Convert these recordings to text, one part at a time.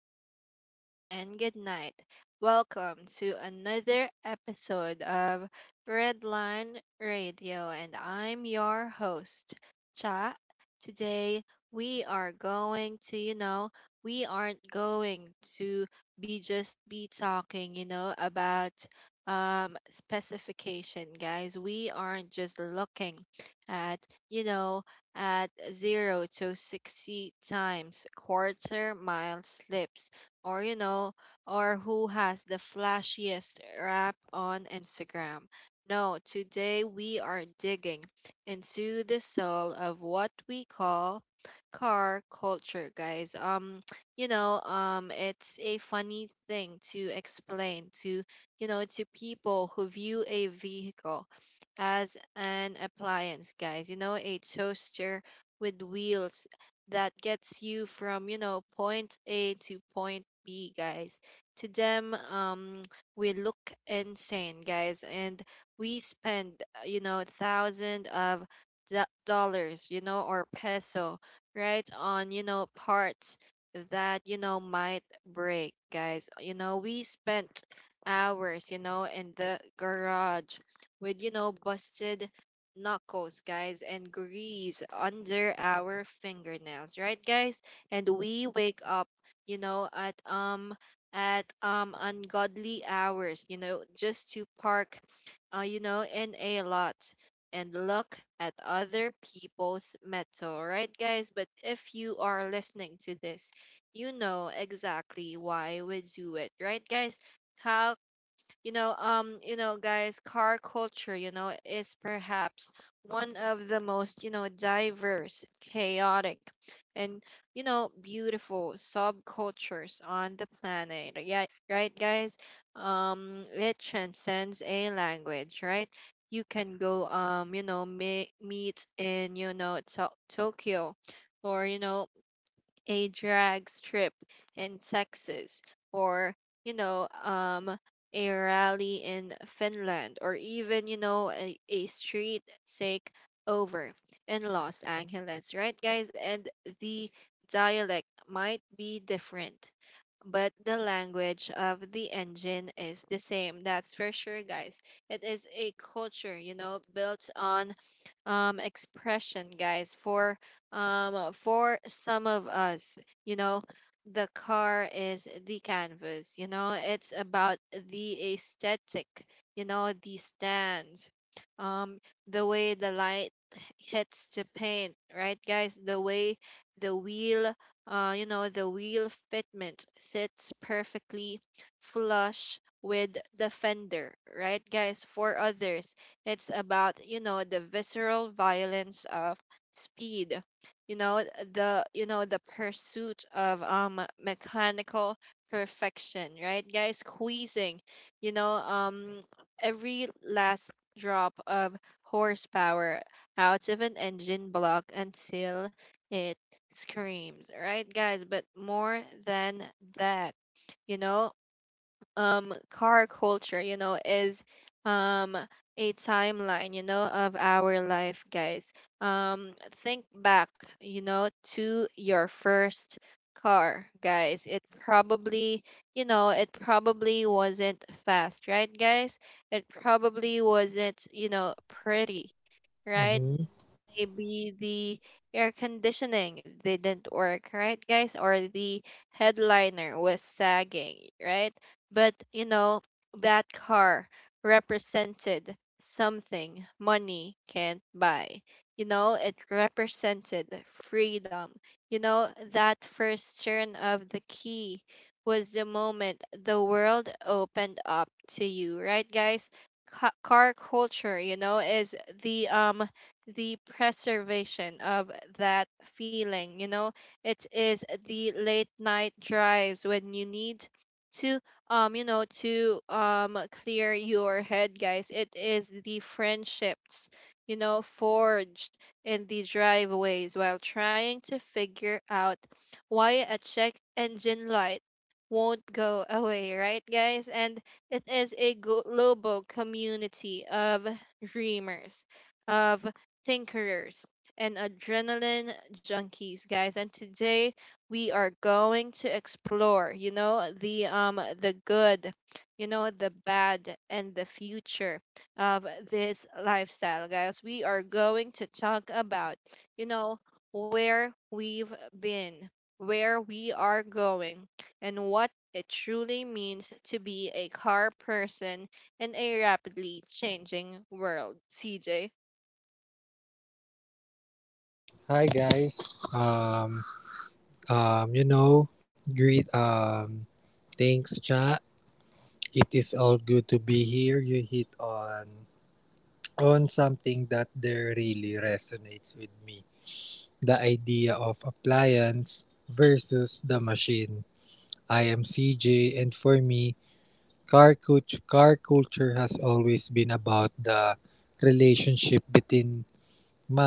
good afternoon, and good night. Welcome to another episode of Redline Radio, and I'm your host, Cha. Today, we are going to, you know, we aren't going to be just be talking, about specification, guys. We aren't just looking at you know at 0 to 60 times, quarter mile slips, or you know or who has the flashiest rap on Instagram. No, today we are digging into the soul of what we call car culture, guys. It's a funny thing to explain to people who view a vehicle as an appliance, guys. You know, a toaster with wheels that gets you from point A to point B, guys. To them, we look insane, guys, and we spend, thousands of dollars, or peso, right, on, parts that, might break, guys. You know, we spent hours, in the garage with, busted knuckles, guys, and grease under our fingernails, right, guys? And we wake up, you know, at um at ungodly hours, just to park, in a lot and look at other people's metal, right, guys? But if you are listening to this, you know exactly why we do it, right, guys? Cal, guys, car culture, is perhaps one of the most, diverse, chaotic, and, beautiful subcultures on the planet, yeah, right, guys. It transcends a language, right? You can go, meet in, Tokyo, or, a drag strip in Texas, or you know um a rally in Finland, or even, a street take over in Los Angeles, right, guys. And the dialect might be different, but the language of the engine is the same. That's for sure, guys. It is a culture, built on expression, guys. For some of us, you know, the car is the canvas. You know, it's about the aesthetic. You know, the stands, um, the way the light hits the paint, right, guys? The way the wheel the wheel fitment sits perfectly flush with the fender, right, guys? For others, it's about, the visceral violence of speed, you know, the pursuit of mechanical perfection, right, guys? Squeezing, you know, um every last drop of horsepower out of an engine block until it screams, right, guys? But more than that, you know, car culture, is um a timeline, of our life, guys. Think back, you know, to your first car, guys. It probably wasn't fast, right, guys? It probably wasn't, pretty. Right? hmm Maybe the air conditioning didn't work, right, guys? Or the headliner was sagging, right? But, that car represented something money can't buy. You know, it represented freedom. You know, that first turn of the key was the moment the world opened up to you, right, guys? Car culture, is the um the preservation of that feeling. You know, it is the late night drives when you need to to clear your head, guys. It is the friendships, forged in the driveways while trying to figure out why a check engine light won't go away, right, guys. And it is a global community of dreamers, of tinkerers, and adrenaline junkies, guys. And today we are going to explore, the good, the bad, and the future of this lifestyle, guys. We are going to talk about, you know where we've been, where we are going, and what it truly means to be a car person in a rapidly changing world, CJ. Hi guys. Um, you know, greet. Thanks, chat. It is all good to be here. You hit on something that there really resonates with me. The idea of appliance versus the machine. I am CJ, and for me, car culture has always been about the relationship between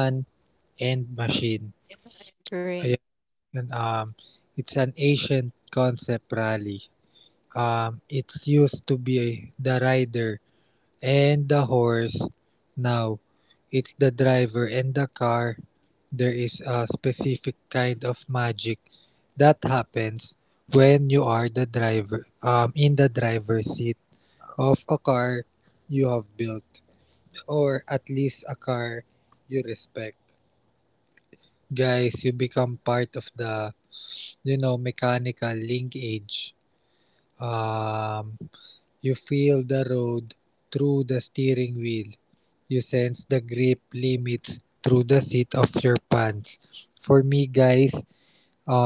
man and machine. Yeah, I agree. And It's an ancient concept rally. It's used to be the rider and the horse. Now, it's the driver and the car. There is a specific kind of magic that happens when you are the driver, in the driver's seat of a car you have built, or at least a car you respect. Guys, you become part of the mechanical linkage. Um, you feel the road through the steering wheel. You sense the grip limits through the seat of your pants. For me, guys,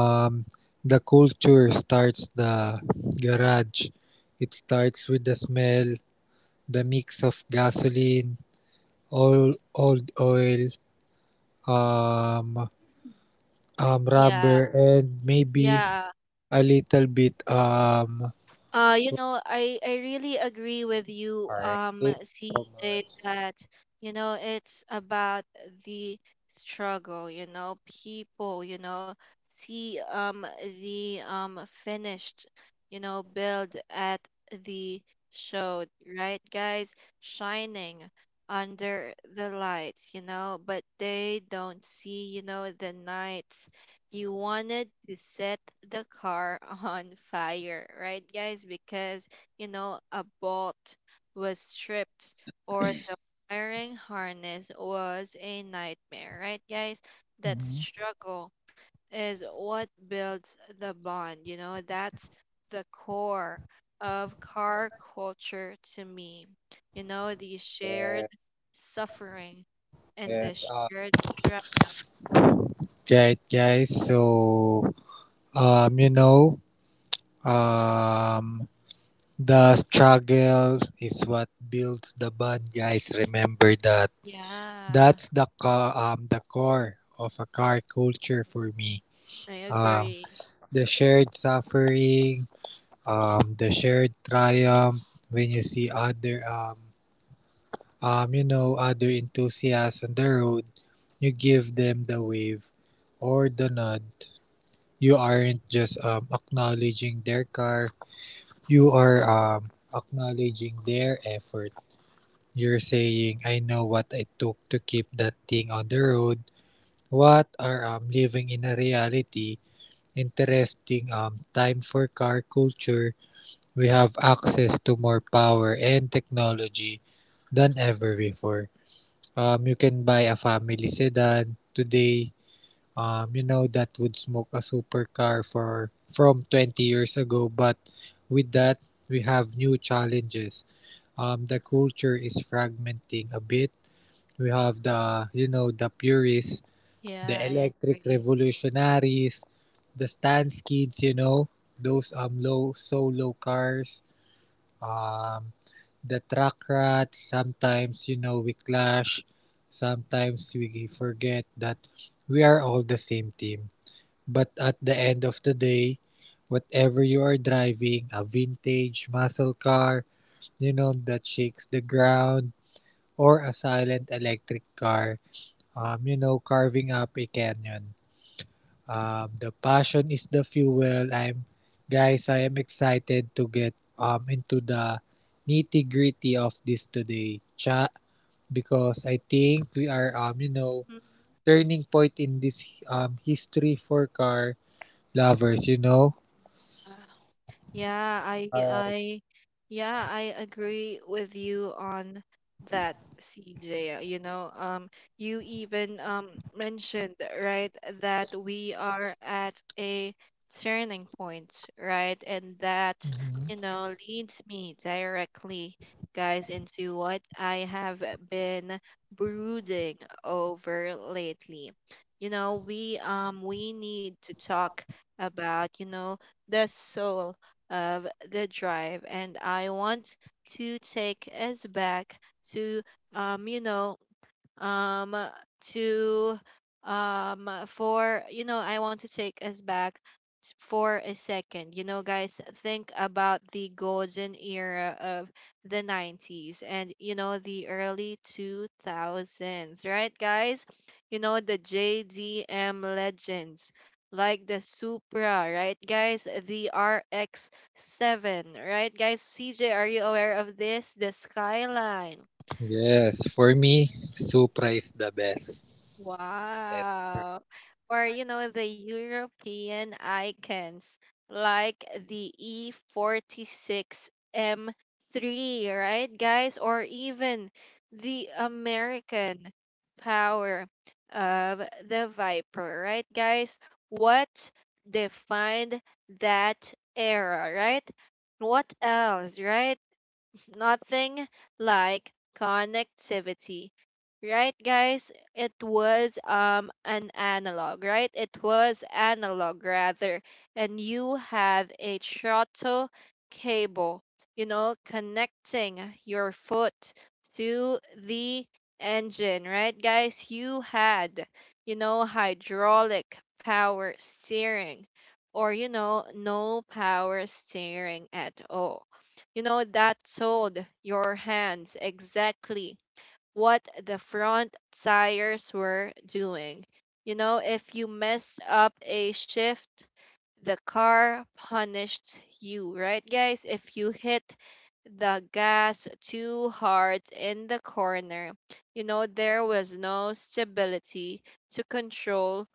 um, the culture starts the garage. It starts with the smell, the mix of gasoline, old oil, um, Yeah, rubber, and maybe yeah. a little bit I really agree with you, All right. Thank you so CJ, much. that it's about the struggle. People. See, the finished, build at the show, right, guys? Shining under the lights. You know, but they don't see. You know, the night you wanted to set the car on fire, right, guys? Because, a bolt was stripped, or the wiring harness was a nightmare, right, guys? That hmm struggle is what builds the bond. That's the core of car culture to me. You know, the shared Yeah, suffering and the yes. Shared triumph. Right, guys. So, um, you know, um, the struggle is what builds the bond, guys. Remember that. Yeah. That's the the core of a car culture for me. I Um, agree. the shared suffering, the shared triumph when you see other enthusiasts on the road, you give them the wave or the nod. You aren't just acknowledging their car, you are acknowledging their effort. You're saying, I know what I took to keep that thing on the road. What are living in a reality, interesting time for car culture. We have access to more power and technology than ever before. You can buy a family sedan today. You know that would smoke a supercar for from 20 years ago, but with that we have new challenges. The culture is fragmenting a bit. We have the you know the purists, Yeah, the I electric agree. revolutionaries, the stance kids. You know those low cars. Um, the track rat sometimes you know we clash, sometimes we forget that we are all the same team, but at the end of the day, whatever you are driving, a vintage muscle car you know that shakes the ground, or a silent electric car you know carving up a canyon. The passion is the fuel. Guys, I am excited to get into the nitty gritty of this today, chat, because I think we are you know Mhm. turning point in this history for car lovers. You know. Uh, Yeah, I Alright. I yeah, I agree with you on that, CJ. You even mentioned, right, that we are at a turning point, right? And that, Mhm. Leads me directly, guys, into what I have been brooding over lately. You know, we need to talk about, the soul of the drive. And I want to take us back to you know um to for you know I want to take us back for a second. You know, guys, think about the golden era of the 90s, and, the early 2000s, right, guys. You know, the JDM legends like the Supra, right, guys, the RX 7, right, guys. CJ, are you aware of this? The Skyline? Yes, for me, Supra is the best. Yes. Wow. Or, the European icons like the E46M3, right, guys? Or even the American power of the Viper, right, guys? What defined that era, right? What else, right, is nothing like connectivity. Right, guys? It was an analog, right? It was analog, rather, and you had a throttle cable, connecting your foot to the engine, right, guys? You had, hydraulic power steering, or, no power steering at all. You know, that told your hands exactly what the front tires were doing. You know, if you messed up a shift, the car punished you, right, guys? If you hit the gas too hard in the corner, there was no stability to control.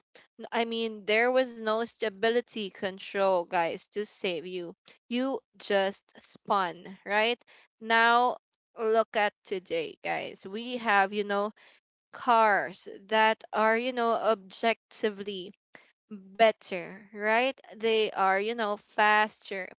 I mean, there was no stability control, guys, to save you. You just spun, right? Now, look at today, guys. We have, cars that are, objectively better, right? They are, faster,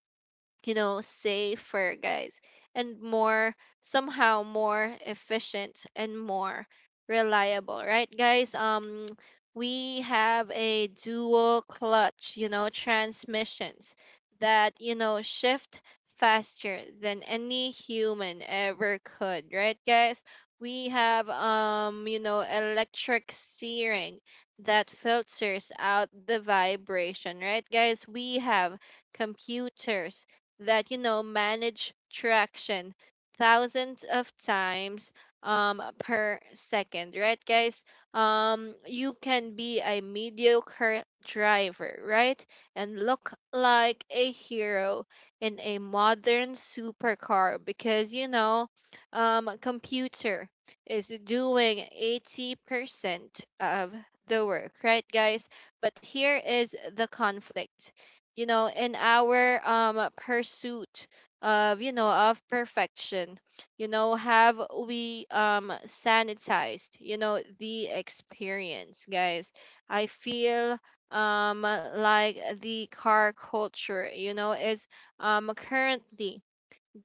safer, guys, and somehow more efficient and more reliable, right, guys? We have a dual clutch, transmissions that, shift faster than any human ever could, right, guys? We have, electric steering that filters out the vibration, right, guys? We have computers that, manage traction thousands of times per second, right, guys. You can be a mediocre driver, right, and look like a hero in a modern supercar because, computer is doing 80% of the work, right, guys. But here is the conflict. In our pursuit of perfection, have we sanitized, the experience, guys? I feel like the car culture, is currently,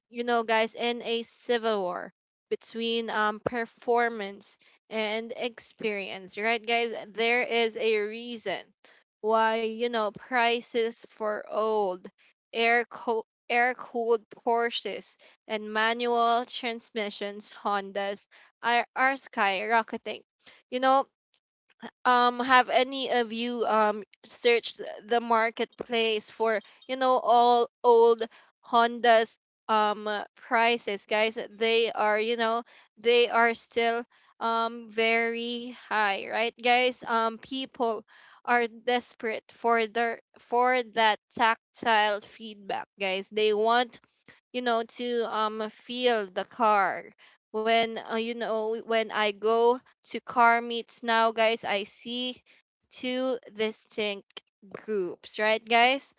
guys, in a civil war between, performance and experience, right, guys. There is a reason why, prices for old air-cooled Porsches and manual transmissions Hondas are skyrocketing. You know, have any of you searched the marketplace for all old Hondas, prices, guys. They are still very high, right, guys. People are desperate for their for that tactile feedback, guys. They want, to feel the car when, when I go to car meets now, guys. I see two distinct groups, right, guys.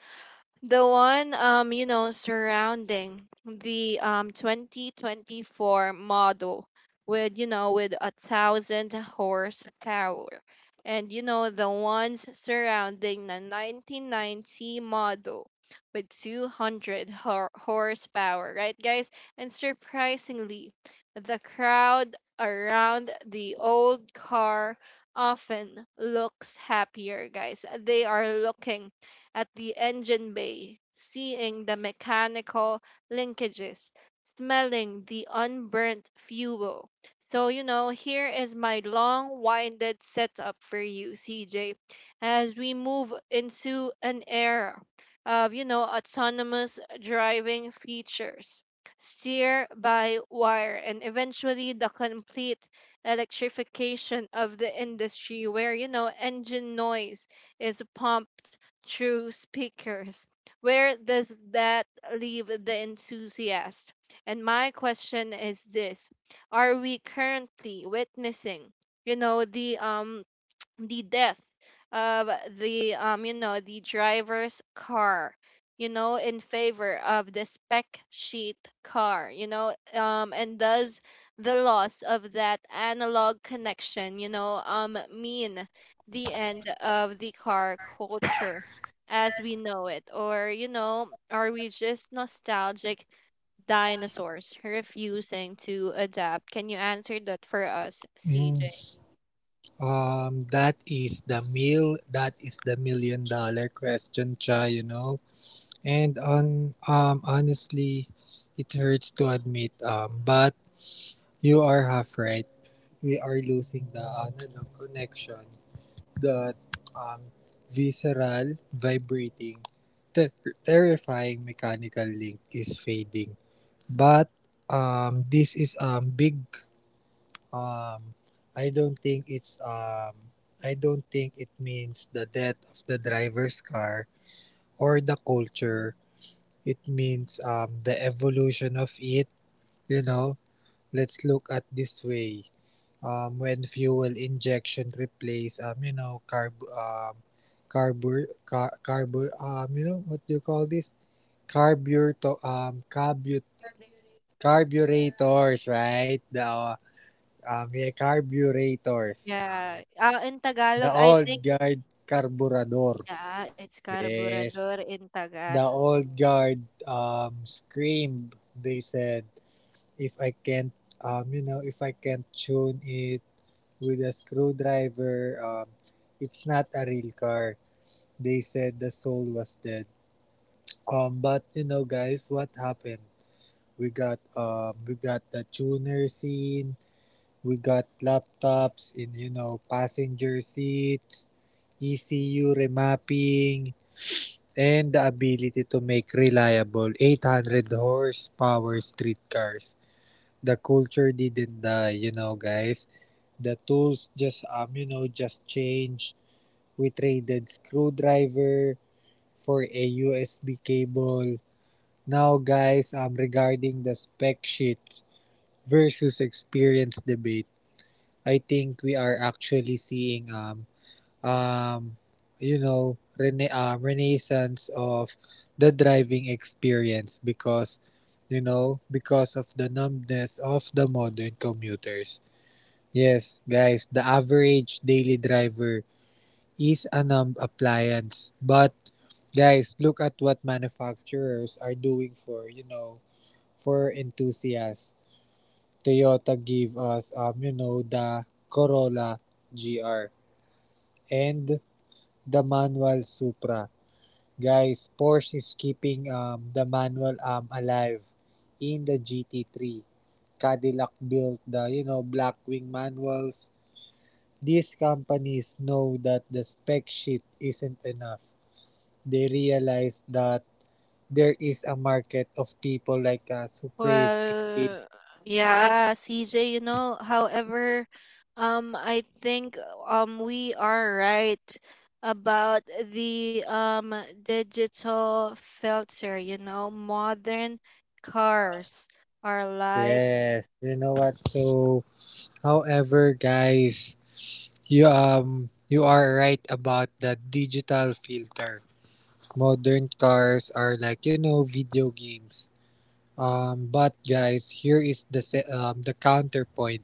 The one, surrounding the 2024 model with 1,000 horsepower. And, the ones surrounding the 1990 model with 200 horsepower, right, guys. And surprisingly, the crowd around the old car often looks happier, guys. They are looking at the engine bay, seeing the mechanical linkages, smelling the unburnt fuel. So, here is my long winded setup for you, CJ, as we move into an era of, autonomous driving features, steer by wire, and eventually the complete electrification of the industry where, engine noise is pumped through speakers. Where does that leave the enthusiast? And my question is this: are we currently witnessing, you know, the um the death of the driver's car, in favor of the spec sheet car? And does the loss of that analog connection, mean the end of the car culture as we know it? Or, are we just nostalgic dinosaurs refusing to adapt? Can you answer that for us, CJ? Mm, that is the meal. That is the million dollar question, cha. You know. And on Honestly, it hurts to admit but you are half right. We are losing the analog connection, that um visceral, vibrating, ter- terrifying mechanical link is fading. But this is big um I don't think it's um I don't think it means the death of the driver's car or the culture. It means, the evolution of it. You know, let's look at this way. When fuel injection replace you know, carb carbur car, carbur you know, what do you call this? Carburator carbu Carburetors, right? The Yeah, carburetors. Yeah, You know, in the Tagalog, I old think, guard carburador. yeah, it's Yes, carburador in Tagalog. the old guard screamed. They said, if I can't if I can't tune it with a screwdriver, it's not a real car. They said the soul was dead, but you know guys what happened? We got the tuner scene. We got laptops in you know passenger seats, ECU remapping, and the ability to make reliable 800 horsepower streetcars. The culture didn't die, you know, guys. The tools just you know just changed. We traded screwdriver for a USB cable. Now guys, regarding the spec sheets versus experience debate, I think we are actually seeing um you know renaissance of the driving experience because because of the numbness of the modern commuters. Yes, guys, the average daily driver is a numb appliance. But guys, look at what manufacturers are doing for, you know, for enthusiasts. Toyota gave us you know, the Corolla GR and the manual Supra. Guys, Porsche is keeping the manual alive in the GT3. Cadillac built the, you know, Blackwing manuals. These companies know that the spec sheet isn't enough. They realize that there is a market of people like us who crave engagement. Well, yeah, CJ, you know, however, I think we are right about the digital filter, you know, modern cars are like Yes, you know what? So, however, guys, you are right about the digital filter. Modern cars are like you know video games. But guys, here is the the counterpoint.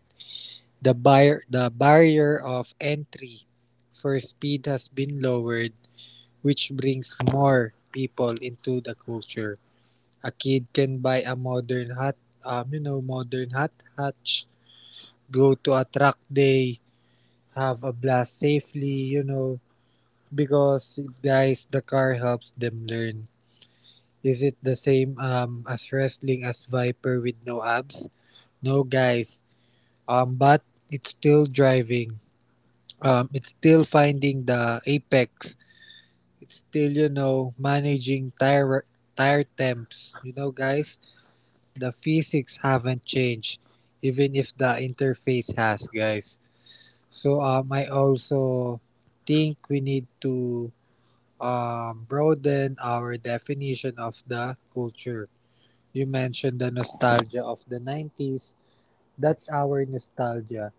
The barrier of entry for speed has been lowered, which brings more people into the culture. A kid can buy a modern hot hatch, go to a track day, have a blast safely, you know, because guys, the car helps them learn. Is it the same as wrestling as Viper with no abs? No, guys. But it's still driving. It's still finding the apex. It's still, you know, managing tire temps. You know, guys, the physics haven't changed even if the interface has, guys. So I also think we need to broaden our definition of the culture. You mentioned the nostalgia of the nineties, that's our nostalgia,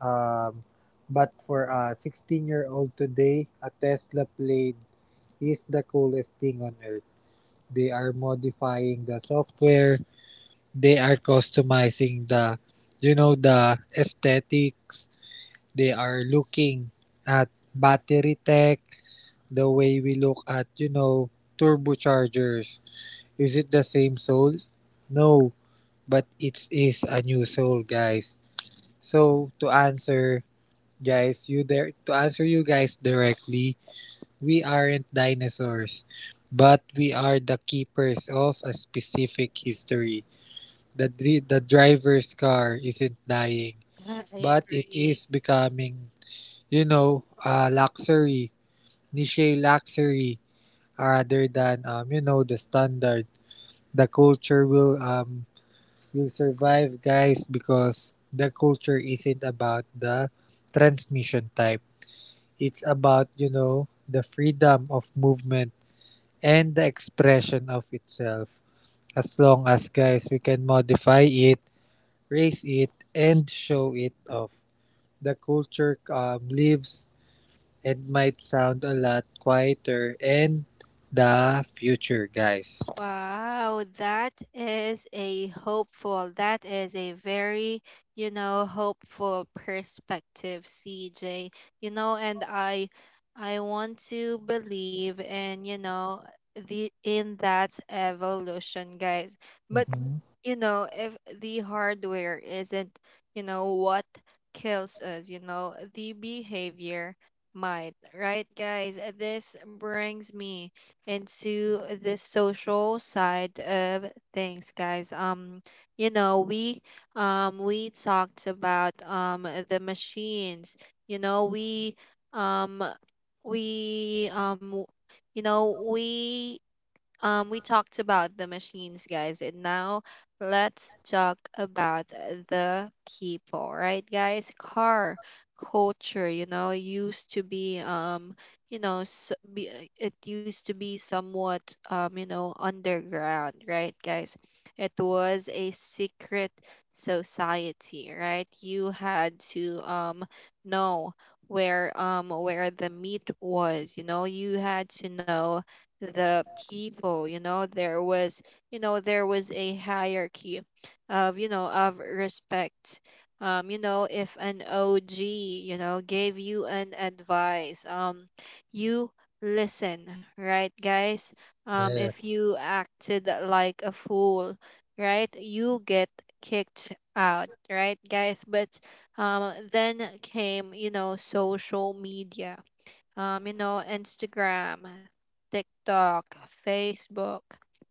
um but for a 16 year old today a tesla blade is the coolest thing on earth. They are modifying the software, they are customizing the you know the aesthetics. They are looking at battery tech the way we look at you know turbochargers. Is it the same soul? No, but it is a new soul, guys. So to answer, guys you there to answer you guys directly, we aren't dinosaurs, but we are the keepers of a specific history. The, the driver's car isn't dying, I but it agree. is becoming, you know, a luxury, niche luxury, rather than, you know, the standard. The culture will survive, guys, because the culture isn't about the transmission type. It's about, you know, the freedom of movement and the expression of itself. As long as, guys, we can modify it, raise it and show it off. The culture lives and might sound a lot quieter in the future, guys. Wow, that is a hopeful, that is a very, you know, hopeful perspective, CJ. You know, and I want to believe in, you know, the in that evolution, guys. But Mhm. you know, if the hardware isn't, you know, what kills us, you know, the behavior might, right, guys? This brings me into the social side of things, guys. We we talked about the machines. You know, um we you know we We talked about the machines, guys, and now let's talk about the people, right, guys? Car culture, you know, used to be, it used to be somewhat, you know, underground, right, guys? It was a secret society, right? You had to, know where the meat was, you know, you had to know the people, you know, there was there was a hierarchy of, you know, of respect. You know, if an OG, you know, gave you an advice, you listen, right, guys? If Yes. you acted like a fool, right, you get kicked out, right, guys? But then came, you know, social media, you know, Instagram, TikTok, Facebook,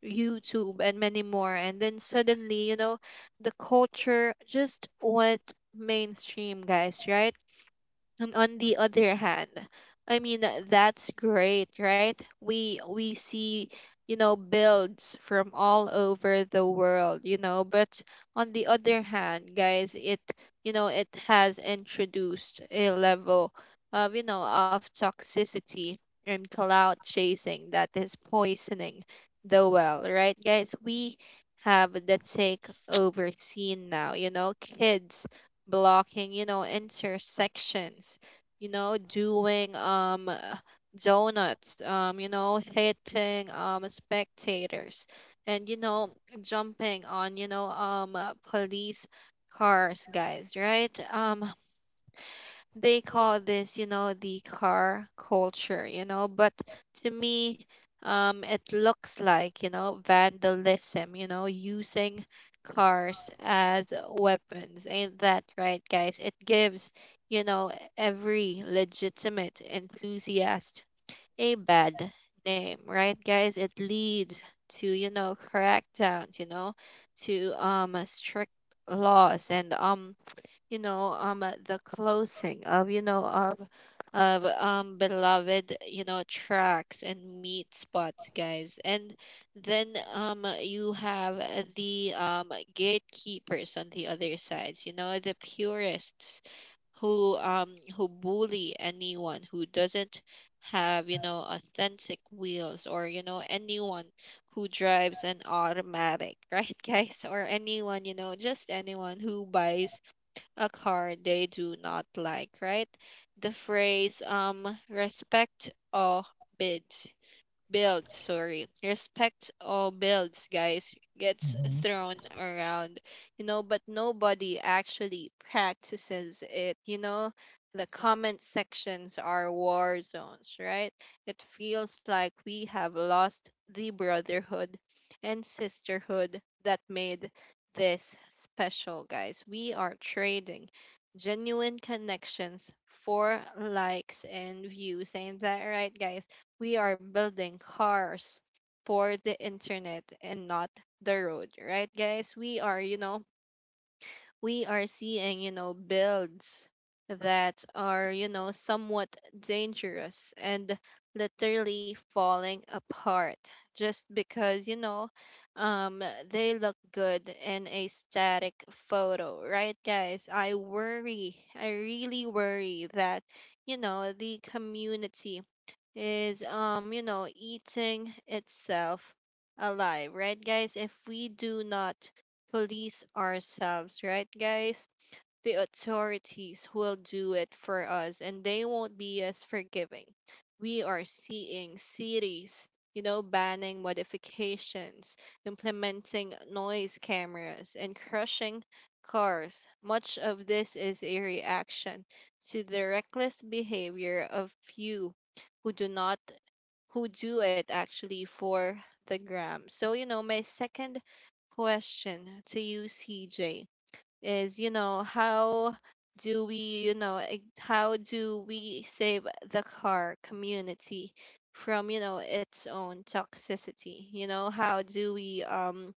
YouTube, and many more. And then suddenly, you know, the culture just went mainstream, guys, right? And on the other hand, I mean, that's great, right? We see, you know, builds from all over the world, you know, but on the other hand, guys, it, you know, it has introduced a level of, you know, of toxicity and cloud chasing that is poisoning the well, right? Guys, we have the takeover scene now, you know, kids blocking, you know, intersections, you know, doing donuts, you know, hitting spectators, and you know, jumping on, police cars, guys, right? They call this, you know, the car culture, you know, but to me, it looks like, you know, vandalism, you know, using cars as weapons. Ain't that right, guys? It gives, you know, every legitimate enthusiast a bad name, right, guys? It leads to, you know, crackdowns, you know, to strict laws and the closing of, of beloved, you know, tracks and meat spots, guys. And then you have, the gatekeepers on the other sides, you know, the purists who bully anyone who doesn't have, you know, authentic wheels, or you know, anyone who drives an automatic right, guys? Or anyone, you know, just anyone who buys a car they do not like, right? The phrase, respect or bid builds, sorry. Respect all builds, guys, gets Mhm. thrown around, you know, but nobody actually practices it, you know. The comment sections are war zones, right? It feels like we have lost the brotherhood and sisterhood that made this special, guys. We are trading genuine connections for likes and views. Ain't that right, guys? We are building cars for the internet and not the road, right, guys? We are, you know, we are seeing, you know, builds that are, you know, somewhat dangerous and literally falling apart just because, you know, um, they look good in a static photo, right, guys? I worry, I really worry that, you know, the community is, you know, eating itself alive, right, guys? If we do not police ourselves, right, guys, the authorities will do it for us, and they won't be as forgiving. We are seeing cities, you know, banning modifications, implementing noise cameras, and crushing cars. Much of this is a reaction to the reckless behavior of few who do not, who do it actually for the gram. So, you know, my second question to you, CJ, is you know how do we, how do we save the car community from, you know, its own toxicity? You know, how do we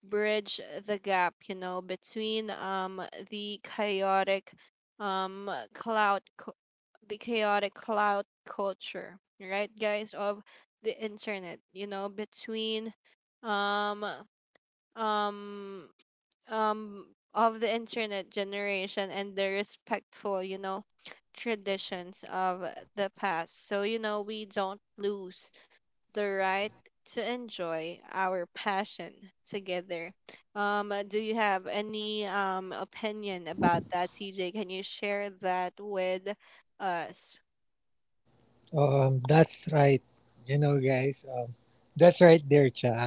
bridge the gap, you know, between the chaotic um cloud cu- the chaotic cloud culture, right, guys, of the internet, you know, between um um um of the internet generation and the respectful, you know, traditions of the past, so you know we don't lose the right to enjoy our passion together? Um Do you have any opinion about that, CJ? Can you share that with us? That's right. You know, guys. That's right there, cha.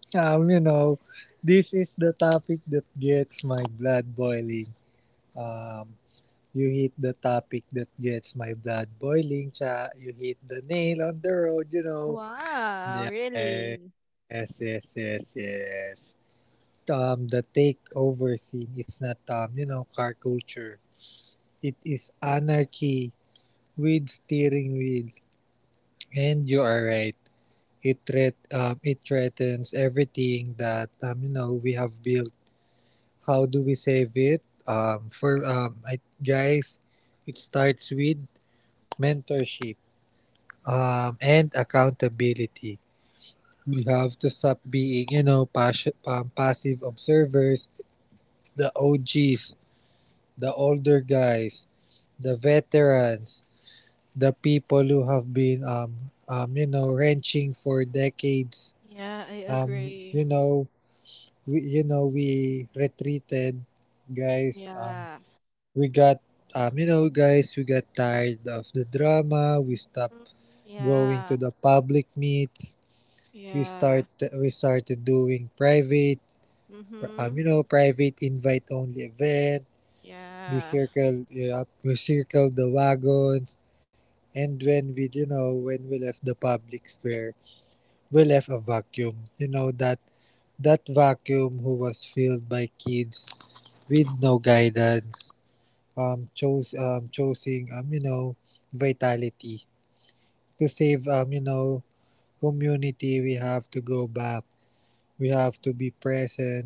You know, this is the topic that gets my blood boiling. Um, you hit the topic that gets my blood boiling, cha. You hit the nail on the road. You know, Yeah, Wow, really. Yes, yes, yes, yes. The takeover scene is not you know, car culture. It is anarchy with steering wheel. And you are right. It threatens everything that you know, we have built. How do we save it? For I, guys, it starts with mentorship, and accountability. We have to stop being, you know, passive observers, the OGs, the older guys, the veterans, the people who have been, you know, wrenching for decades. Yeah, I You agree. know, we retreated, guys. Yeah. we got, you know, guys, we got tired of the drama. We stopped Mhm. going to the Yeah. public meets. We start, Yeah. we started doing private Mm-hmm. Private invite only event. We Yeah. circle, we circle the wagons, and when we, you know, when we left the public square, we left a vacuum. You know that that vacuum who was filled by kids with no guidance, chose choosing you know, vitality to save you know, community. We have to go back. We have to be present,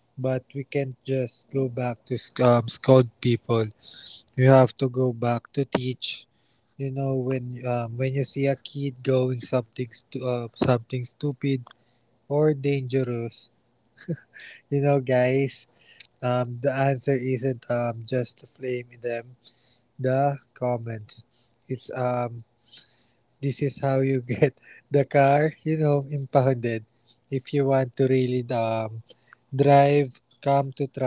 but we can't just go back to scold people. You have to go back to teach. You know when you see a kid going something stupid or dangerous, you know guys, the answer isn't just to flame them. The comments, it's this is how you get the car, you know, impounded. If you want to really drive, come to track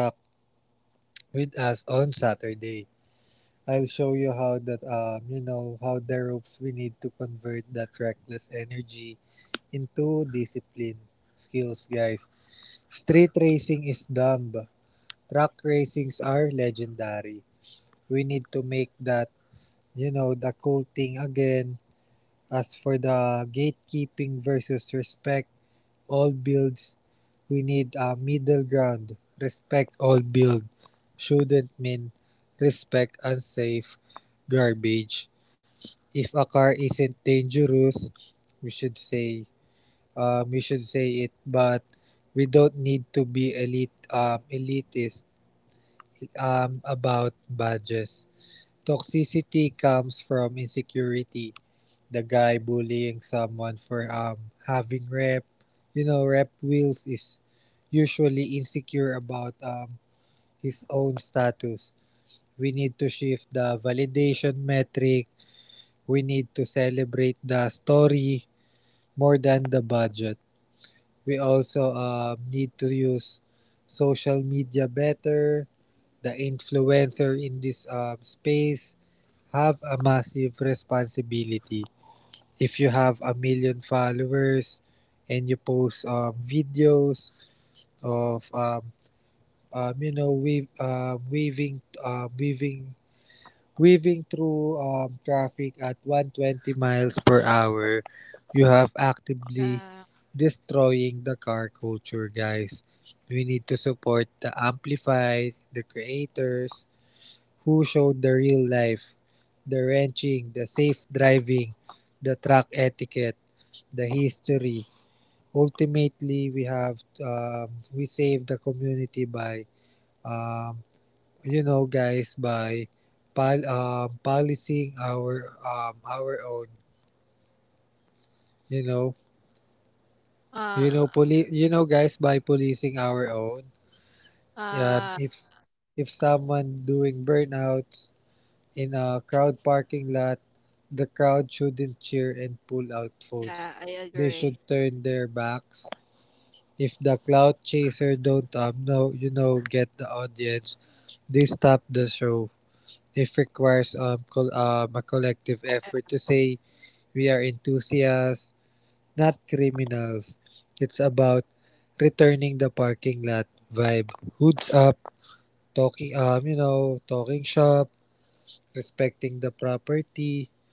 with us on Saturday. I'll show you how that you know how the ropes. We need to convert that reckless energy into discipline skills, guys. Street racing is dumb. Track racings are legendary. We need to make that you know the cool thing again. As for the gatekeeping versus respect all builds, we need a middle ground. Respect all build shouldn't mean respect unsafe garbage. If a car isn't dangerous, we should say we should say it, but we don't need to be elite elitist about badges. Toxicity comes from insecurity. The guy bullying someone for having rep, you know, rep wheels is usually insecure about his own status. We need to shift the validation metric. We need to celebrate the story more than the budget. We also need to use social media better. The influencer in this space have a massive responsibility. If you have a million followers and you post videos of you know wave, weaving weaving weaving through traffic at 120 miles per hour, you have actively Yeah. destroying the car culture, guys. We need to support the amplify, the creators who showed the real life, the wrenching, the safe driving, the track etiquette, the history. Ultimately, we have um, we save the community by um, you know guys by policing our own. You know Uh you know poli- you know guys By policing our own. Yeah, uh if someone doing burnouts in a yeah, crowd parking lot, the crowd shouldn't cheer and pull out yeah, phones. I They agree. should turn their backs. If the cloud chaser don't know, you know, get the audience, they stop the show. It requires a collective Uh, effort to say we are enthusiasts, not criminals. It's about returning the parking lot vibe. Hoods up, talking, talking shop, respecting the property,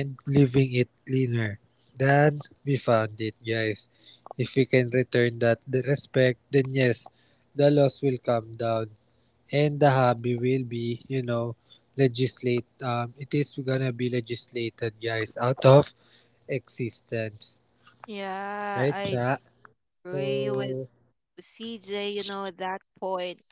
and leaving it cleaner than we found it, guys. If we can return that the respect, then yes, the loss will come down and the hobby will be, you know, legislate. It is gonna be legislated, guys, out of existence. Yeah, Right, I chat. agree with So, CJ, you know, that point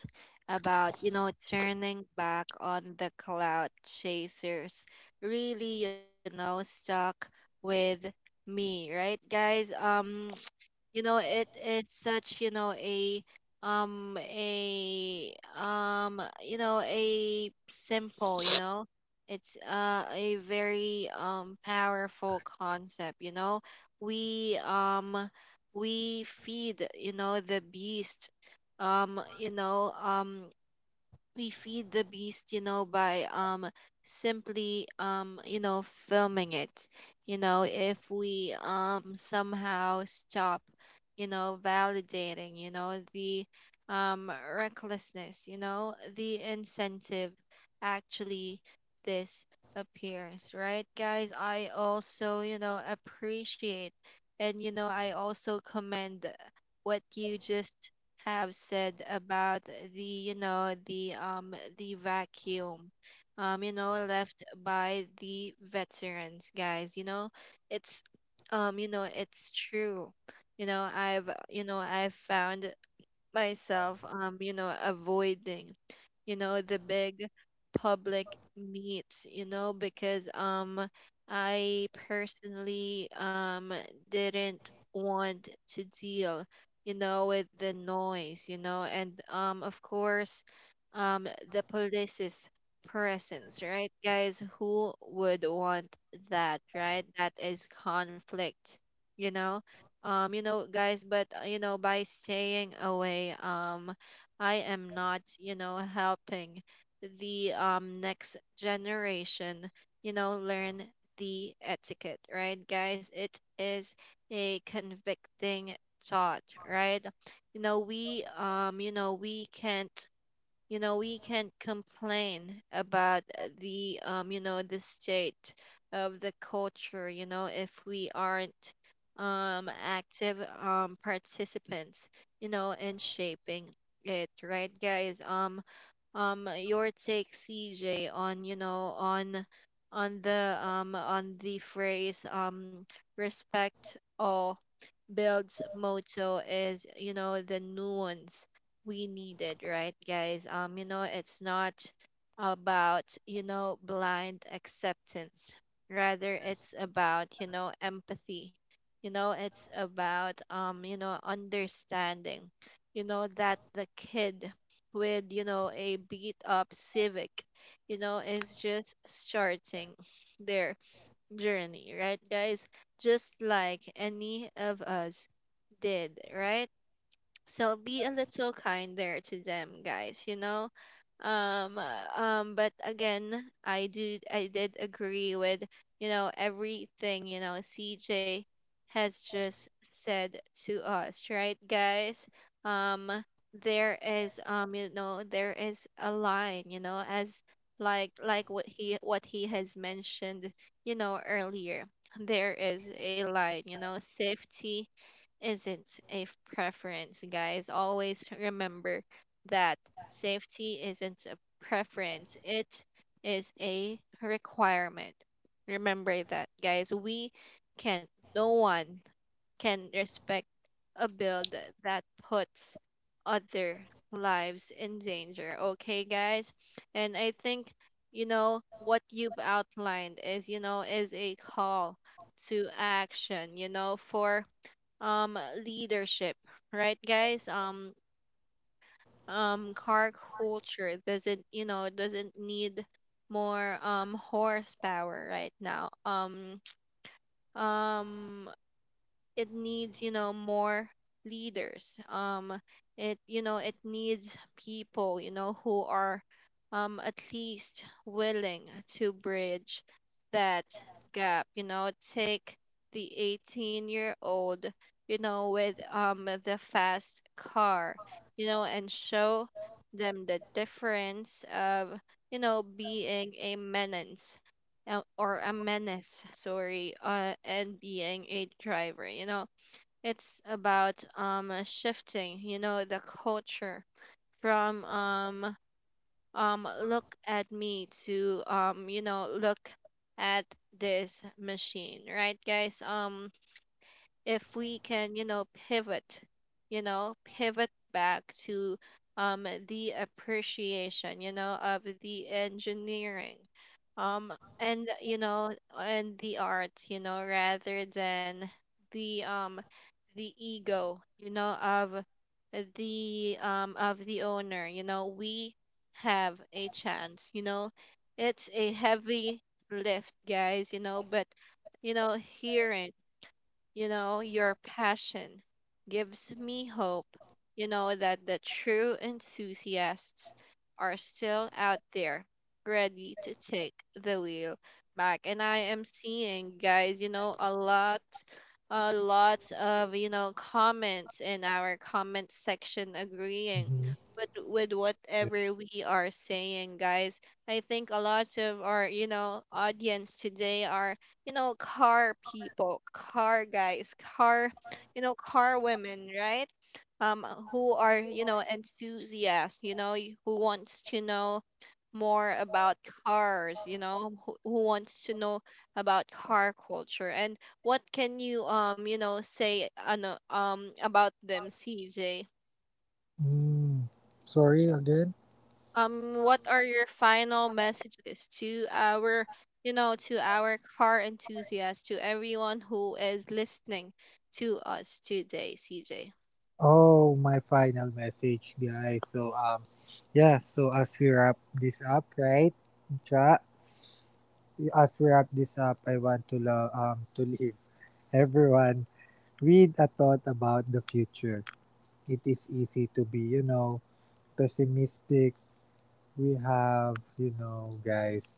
about, you know, turning back on the cloud chasers really, you know, stuck with me, right, guys? You know, it's such, you know, a you know, a simple, you know, it's a very powerful concept. You know, we um, we feed, you know, the beast, um you know um we feed the beast, you know, by simply you know, filming it. You know, if we somehow stop, you know, validating, you know, the recklessness, you know, the incentive actually disappears, right, guys? I also, you know, appreciate and, you know, I also commend what you just have said about the, you know, the vacuum, you know, left by the veterans, guys. You know, it's, you know, it's true. You know, I've found myself, you know, avoiding, you know, the big public meets, you know, because, I personally, didn't want to deal, you know, with the noise, you know, and, of course, the police's presence, right, guys? Who would want that, right? That is conflict, you know. You know guys But, you know, by staying away, I am not, you know, helping the next generation, you know, learn the etiquette, right, guys? It is a convicting thought, right? You know, we, you know, we can't complain about, the you know, the state of the culture, you know, if we aren't active participants, you know, in shaping it, right, guys? Your take, CJ, on, you know, on the, on the phrase, respect all Build's motto is, you know, the nuance we needed, right, guys? You know, it's not about, you know, blind acceptance. Rather, it's about, you know, empathy. You know, it's about, you know, understanding. You know, that the kid with, you know, a beat up Civic, you know, is just starting their journey, right, guys? Just like any of us did, right? So be a little kinder to them, guys, you know? But again, I did agree with, you know, everything, you know, CJ has just said to us, right, guys? Um, there is, you know, there is a line, you know, as, what he has mentioned, you know, earlier. There is a line, you know. Safety isn't a preference, guys. Always remember that. Safety isn't a preference, it is a requirement. Remember that, guys. We can't, no one can respect a bill that puts other lives in danger. Okay, guys? And I think, you know, what you've outlined is, you know, is a call to action, you know, for um leadership, right, guys? Car culture doesn't, you know, doesn't need more horsepower right now. Um um it needs, you know, more leaders. It, you know, it needs people, you know, who are at least willing to bridge that gap, you know, take the 18-year old, you know, with the fast car, you know, and show them the difference of, you know, being a menace, or a menace sorry and being a driver, you know. It's about shifting, you know, the culture from look at me to, um, you know, look at this machine, right, guys? If we can, you know, pivot back to the appreciation, you know, of the engineering um and, you know, and the art, you know, rather than the, the ego, you know, of the, of the owner, you know, we have a chance, you know. It's a heavy lift, guys, you know, but you know, hear it. You know, your passion gives me hope, you know, that the true enthusiasts are still out there ready to take the wheel back. And I am seeing, guys, you know, a lot of, you know, comments in our comment section agreeing mhm. With whatever we are saying, guys. I think a lot of our, you know, audience today are, you know, car people, car guys, car, you know, car women, right? Um, who are, you know, enthusiasts, you know, who wants to know more about cars, you know, who wants to know about car culture. And what can you, you know, say about them, CJ? Mm. Sorry again. What are your final messages to our you know to our car enthusiasts, to everyone who is listening to us today, cj? Oh, my final message, guys. Yeah. So as we wrap this up, right, Cha? As we wrap this up, I want to to leave everyone with a thought about the future. It is easy to be, you know, pessimistic. We have, you know, guys.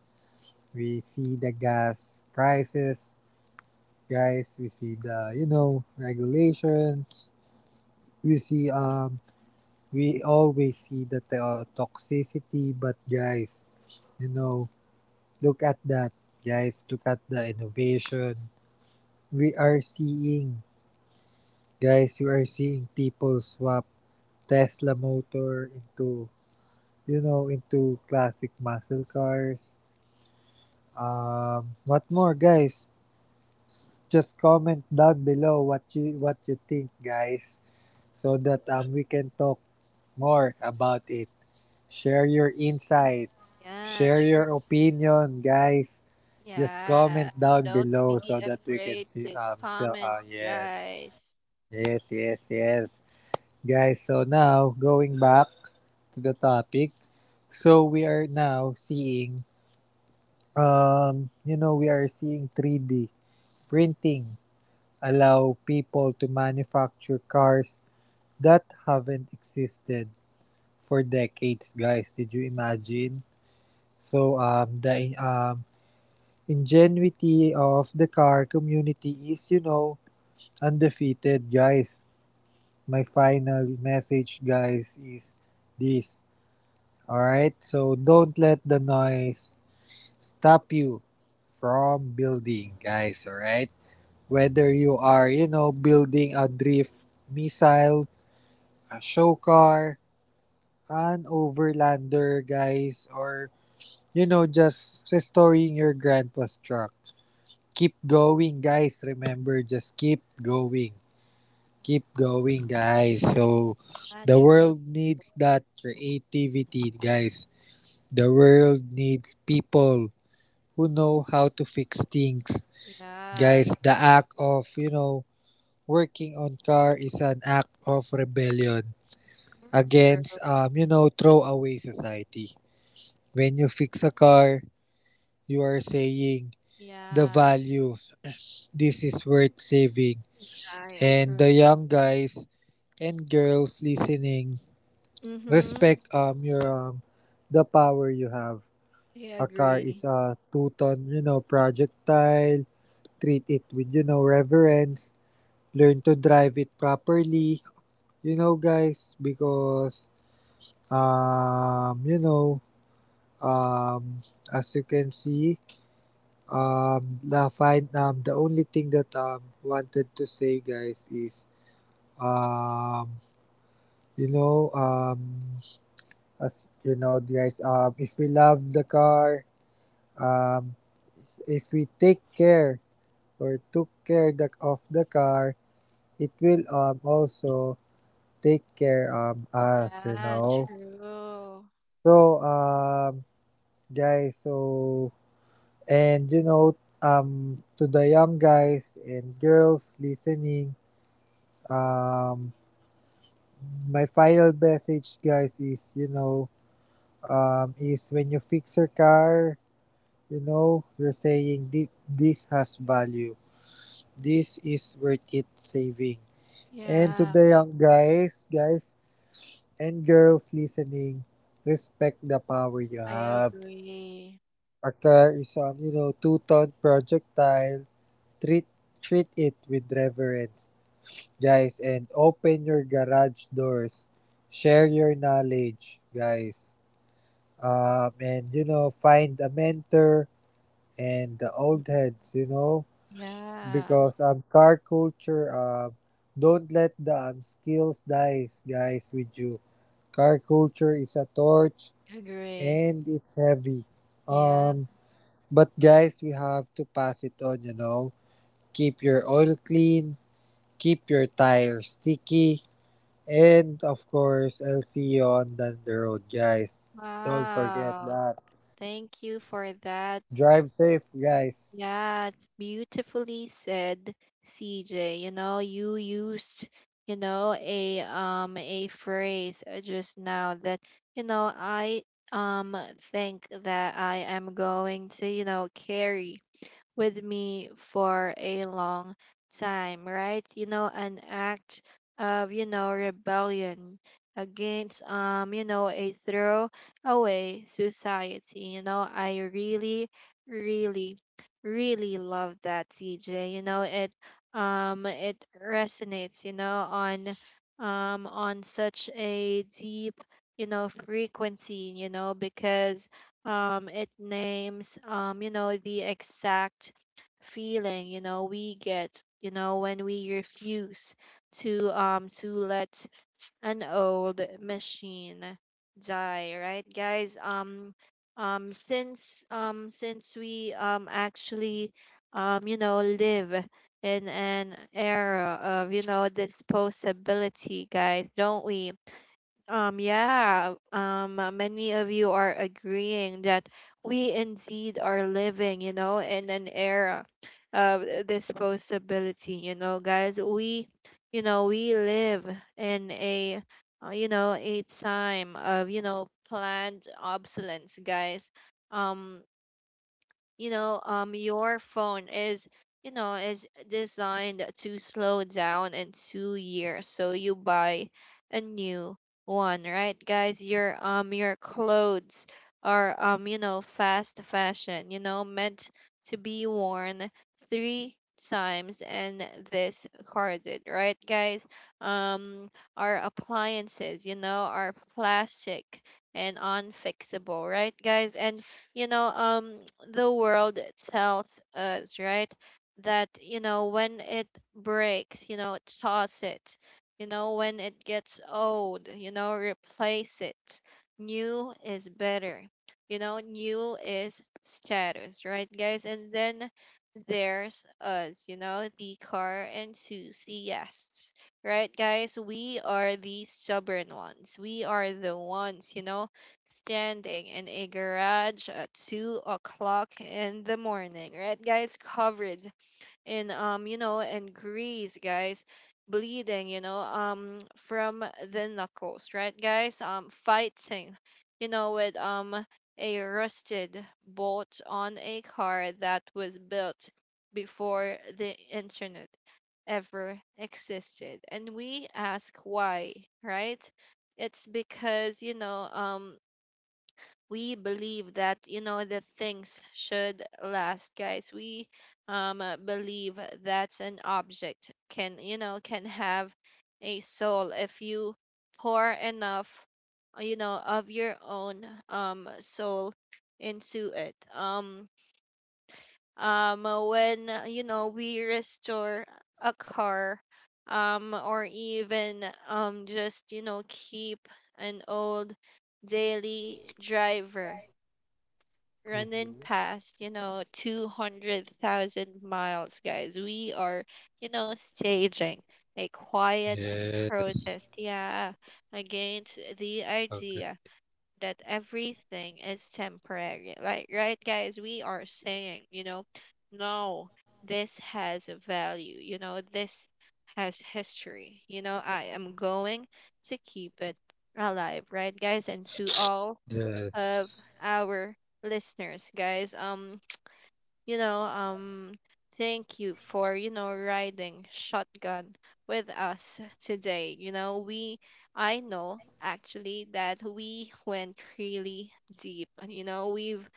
We see the gas prices, guys. We see the, you know, regulations. we see um we always see the toxicity, but guys, you know, look at that, guys. Look at the innovation we are seeing, guys. You are seeing people swap Tesla motor into, you know, into classic muscle cars. Um, what more, guys? Just comment down below what you think, guys, so that we can talk more about it. Share your insight. Yeah, Share sure. your opinion, guys. Just Yeah, comment down don't below be so that we can afraid see. to comment, Yes, guys. yes, yes, yes. Guys, so now going back to the topic. So we are now seeing, you know, we are seeing 3D printing allow people to manufacture cars that haven't existed for decades, guys. Did you imagine? So the ingenuity of the car community is, you know, undefeated, guys. My final message, guys, is this. All right? So don't let the noise stop you from building, guys, all right? Whether you are, you know, building a drift missile, a show car, an overlander, guys, or you know, just restoring your grandpa's truck. Keep going, guys. Remember, just keep going. Keep going, guys. So, Yeah, the true. world needs that creativity, guys. The world needs people who know how to fix things. Yeah. Guys, the act of, you know, working on car is an act of rebellion Mm, true. against, you know, throwaway society. When you fix a car, you are saying, the Yeah. value, this is worth saving. Yeah, I And agree. the young guys and girls listening, Mm-hmm. respect your the power you have. I A car is agree. a two-ton, you know, projectile. Treat it with, you know, reverence. Learn to drive it properly, you know, guys, because um, you know, um, as you can see, the only thing that wanted to say, guys, is um you know, as you know, guys, if we love the car, um, if we take care or took care the, of the car, it will also take care us. You Yeah, know, true. so guys, so and you know, to the young guys and girls listening, um, my final message, guys, is you know, is when you fix your car, You know, you're saying, This has value. This is worth it saving." And to Yeah, the young guys, guys and girls listening, respect the power you I have. agree. A car is you know, two-ton projectile. Treat Treat it with reverence, guys, and open your garage doors. Share your knowledge, guys. And you know, find a mentor and the old heads, you know, Yeah, because car culture, don't let the skills dies, guys, with you. Car culture is a torch, agree. and it's heavy, Yeah. um, but guys, we have to pass it on, you know. Keep your oil clean, keep your tires sticky, and of course, I'll see you on the road, guys. Don't forget Wow. that. Thank you for that. Drive safe, guys. Yeah, it's beautifully said, CJ. You know, you used, you know, a phrase just now that, you know, I um think that I am going to, you know, carry with me for a long time, right? You know, an act of, you know, rebellion against you know, a throw away society. You know, I really, really, really love that, CJ. You know, it resonates, you know, on such a deep you know frequency, you know, because it names you know the exact feeling, you know, we get, you know, when we refuse to let an old machine die, right, guys? Since we actually you know live in an era of, you know, disposability, guys, don't we? Yeah, many of you are agreeing that we indeed are living, you know, in an era of this possibility, you know, guys. We, you know, we live in a, you know, a time of, you know, planned obsolescence, guys. Um, you know your phone is you know is designed to slow down in 2 years, so you buy a new one, right, guys? Your your clothes are you know fast fashion, you know, meant to be worn three times and discarded, right, guys? um our appliances, you know, are plastic and unfixable, right, guys? And you know the world tells us, right, that you know when it breaks, you know, toss it. You know, when it gets old, you know, replace it. New is better. You know, new is status, right, guys? And then there's us, you know, the car enthusiasts, right, guys? We are the stubborn ones. We are the ones, you know, standing in a garage at 2 o'clock in the morning, right, guys? Covered in, you know, in grease, guys. Bleeding, you know, from the knuckles, right, guys? Fighting, you know, with, a rusted bolt on a car that was built before the internet ever existed. And we ask why, right? It's because, you know, we believe that you know that things should last, guys. We believe that an object can you know can have a soul if you pour enough you know of your own soul into it. When you know we restore a car or even just you know keep an old daily driver running Mhm. past, you know, 200,000 miles, guys. We are, you know, staging a quiet Yes. protest, yeah, against the idea Okay. that everything is temporary. Like, right, guys, we are saying, you know, no, this has a value, you know, this has history, you know, I am going to keep it alive, right, guys? And to all of Yes, our listeners, guys. You know, thank you for you know riding shotgun with us today. You know, we I know actually that we went really deep. You know, we've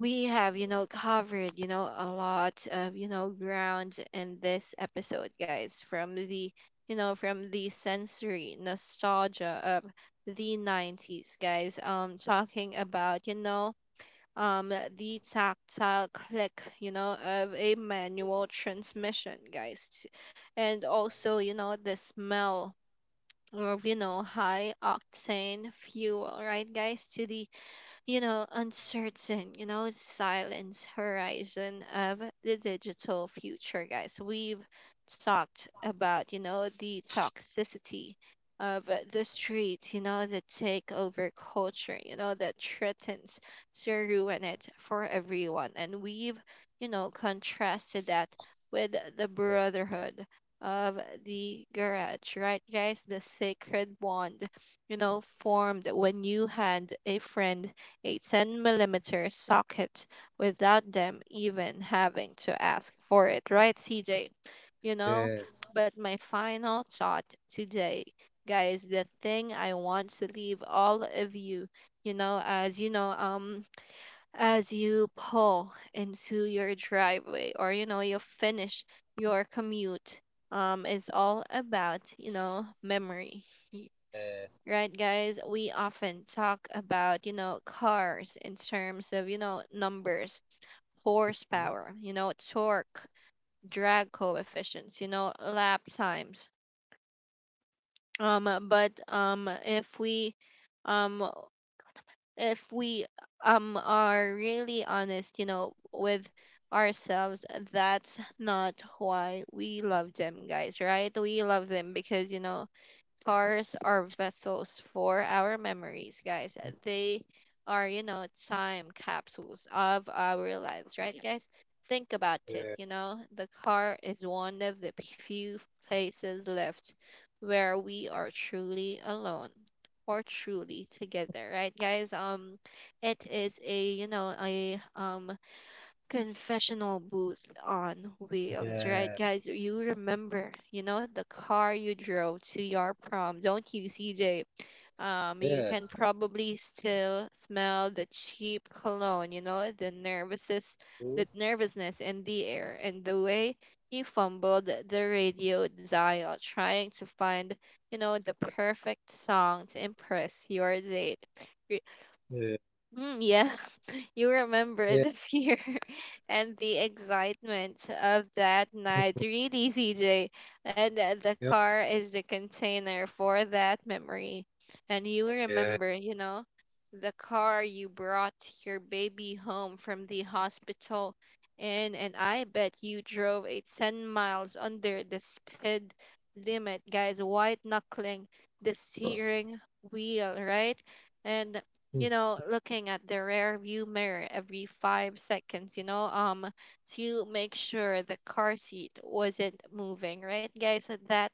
we have you know covered you know a lot of you know ground in this episode, guys, from the you know from the sensory nostalgia of the 90s, guys, talking about you know the tactile click, you know, of a manual transmission, guys, and also you know the smell of, you know, high octane fuel, right, guys, to the you know uncertain, you know, silence horizon of the digital future, guys. We've talked about, you know, the toxicity of the street, you know, the takeover culture, you know, that threatens to ruin it for everyone. And we've, you know, contrasted that with the brotherhood of the garage, right, guys? The sacred bond, you know, formed when you had a friend a 10 millimeter socket without them even having to ask for it, right, CJ? You know, yes. but my final thought today, guys, the thing I want to leave all of you, you know, as you know, as you pull into your driveway, or, you know, you finish your commute, is all about, you know, memory, Yes. right, guys? We often talk about, you know, cars in terms of, you know, numbers. Horsepower, you know, torque, drag coefficients, you know, lap times. Um but um if we are really honest, you know, with ourselves, that's not why we love them, guys, right? We love them because, you know, cars are vessels for our memories, guys. They are, you know, time capsules of our lives, right, guys? Think about it. Yes. You know, the car is one of the few places left where we are truly alone or truly together, right, guys? It is a, you know, a confessional booth on wheels, right, guys? You remember, you know, the car you drove to your prom, don't you, CJ? You Yes. can probably still smell the cheap cologne, you know, the nervousness in the air, and the way you fumbled the radio dial trying to find, you know, the perfect song to impress your date. Mm, yeah, you remember Yes. the fear and the excitement of that night, Mhm. really, CJ. And the Yeah. car is the container for that memory. And you Yeah. remember, you know, the car you brought your baby home from the hospital in, and I bet you drove it 10 miles under the speed limit, guys, white knuckling the steering wheel, right? And Mhm. you know, looking at the rear view mirror every 5 seconds, you know, to make sure the car seat wasn't moving, right, guys? And that,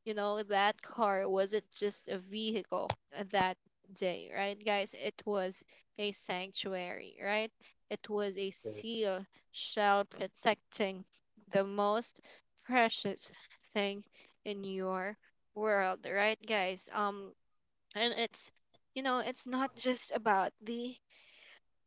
you know, that car wasn't just a vehicle that day, right, guys? It was a sanctuary, right? It was a Yep. seal shell protecting the most precious thing in your world, right, guys? And it's you know it's not just about the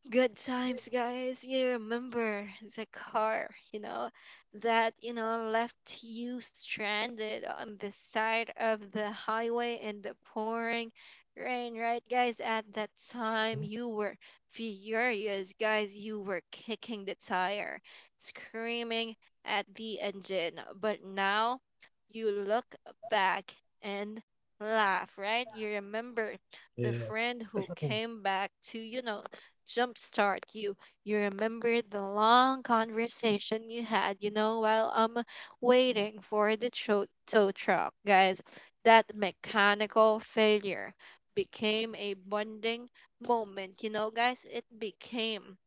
good times, guys. You remember the car, you know, that, you know, left you stranded on the side of the highway in the pouring rain, right, guys? At that time, you were furious, guys. You were kicking the tire, screaming at the engine. But now you look back and laugh, right? You remember the Yeah. Mhm. friend who Yeah. Mhm. came back to, you know, jumpstart you. You remember the long conversation you had, you know, while waiting for the tow truck, guys. That mechanical failure became a bonding moment, you know, guys. It became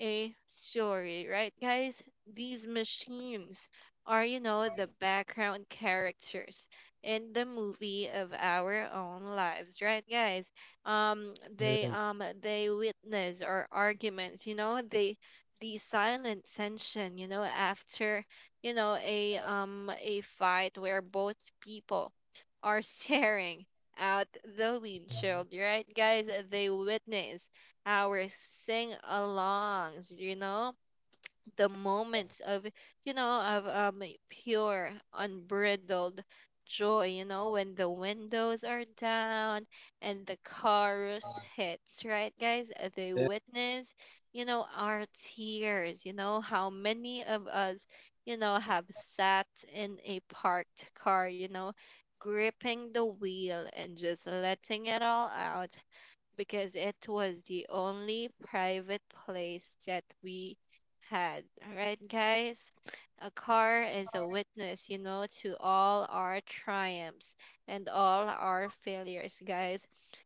a story, right, guys? These machines are, you know, the background characters in the movie of our own lives, right, guys? They witness our arguments, you know, they the silent tension, you know, after you know a fight where both people are staring out the windshield, right, guys? They witness our sing alongs, you know, the moments of, you know, of pure, unbridled joy, you know, when the windows are down and the chorus hits, right, guys? They Yes. witness, you know, our tears, you know, how many of us, you know, have sat in a parked car, you know, gripping the wheel and just letting it all out because it was the only private place that we had. All right, guys? A car is a witness, you know, to all our triumphs and all our failures, guys.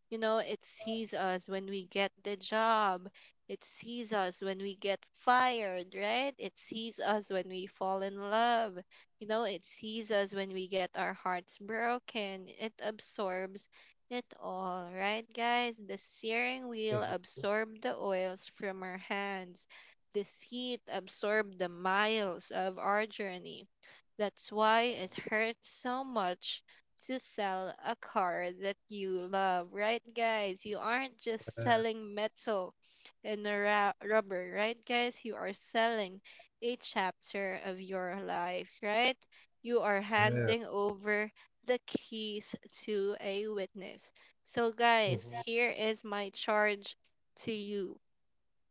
You know, it sees us when we get the job. It sees us when we get fired, right? It sees us when we fall in love. You know, it sees us when we get our hearts broken. It absorbs it all, right, guys? The steering Yeah. wheel Mhm. absorbed the oils from our hands. The seat absorbed the miles of our journey. That's why it hurts so much to sell a car that you love, right, guys? You aren't just Yeah. selling metal and a rubber, right, guys? You are selling a chapter of your life, right? You are Yeah. handing over the keys to a witness. So, guys, Mhm. here is my charge to you.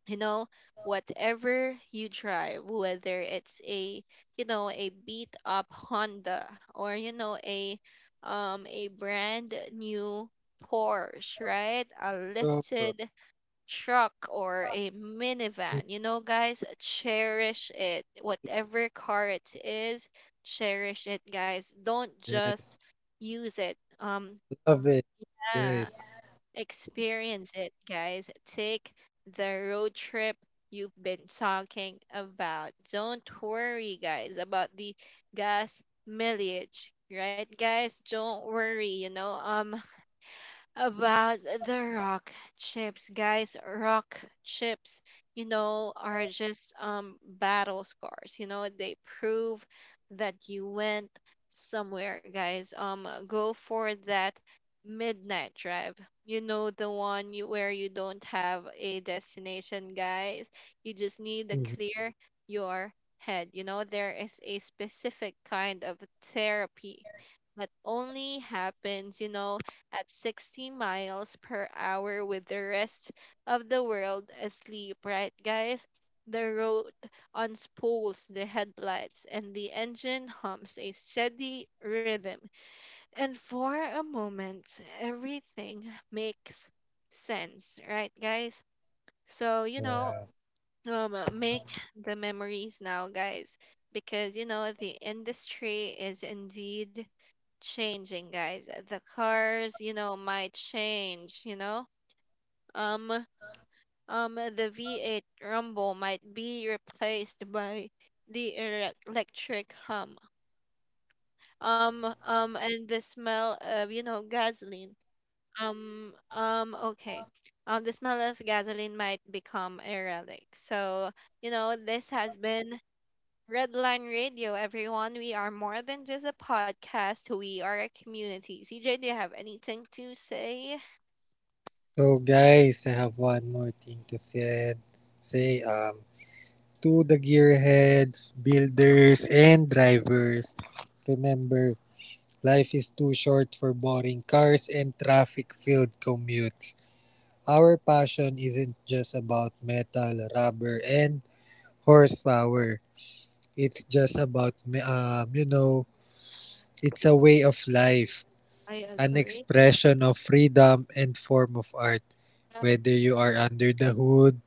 You know, whatever you drive, whether it's a, you know, a beat up Honda, or, you know, a brand new Porsche, right? A Love it. lifted truck or a Mhm. minivan. You know, guys, cherish it. Whatever car it is, cherish it, guys. Don't just Yes. use it. Love it. Yes. Yeah, experience it, guys. Take the road trip you've been talking about. Don't worry, guys, about the gas mileage, right, guys? Don't worry. You know, about the rock chips, guys. Rock chips, you know, are just battle scars. You know, they prove that you went somewhere, guys. Go for that midnight drive. You know, where you don't have a destination, guys. You just need to Mhm. clear your head. You know, there is a specific kind of therapy that only happens, you know, at 60 miles per hour with the rest of the world asleep, right, guys? The road unspools the headlights and the engine hums a steady rhythm. And for a moment, everything makes sense, right, guys? So, you know, Yeah. Make the memories now, guys, because, you know, the industry is indeed changing, guys. The cars, you know, might change, you know. Um the V8 Rumble might be replaced by the electric hum. And the smell of, you know, gasoline. Okay. The smell of gasoline might become a relic. So, you know, this has been Redline Radio, everyone. We are more than just a podcast, we are a community. CJ, do you have anything to say? So guys, I have one more thing to say. Say to the gearheads, builders, and drivers. Remember, life is too short for boring cars and traffic-filled commutes. Our passion isn't just about metal, rubber, and horsepower. It's just about, you know, it's a way of life, I an agree. expression of freedom and form of art. Uh, Whether you are under the hood,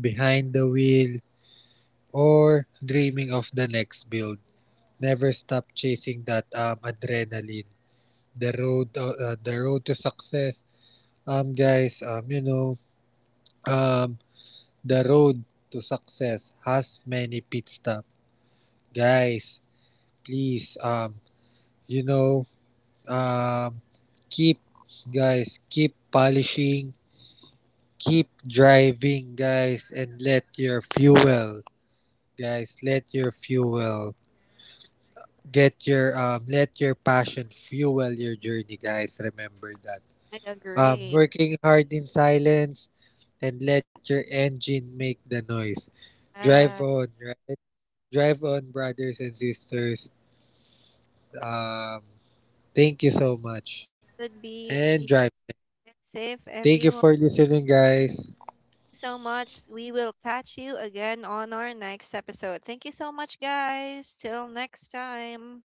behind the wheel, or dreaming of the next build, never stop chasing that adrenaline. The road to success. Um, guys, um, you know, um, The road to success has many pit stops. Guys, please, you know, um, keep, guys, keep polishing, keep driving, guys, and let your fuel, guys, let your fuel get your let your passion fuel your journey, guys. Remember that I agree. working hard in silence, and let your engine make the noise. Drive Uh, on, right, drive on, brothers and sisters. Um, thank you so much, would be and drive safe. safe, Thank you everyone. for listening, guys. So much. We will catch you again on our next episode. Thank you so much, guys. Till next time.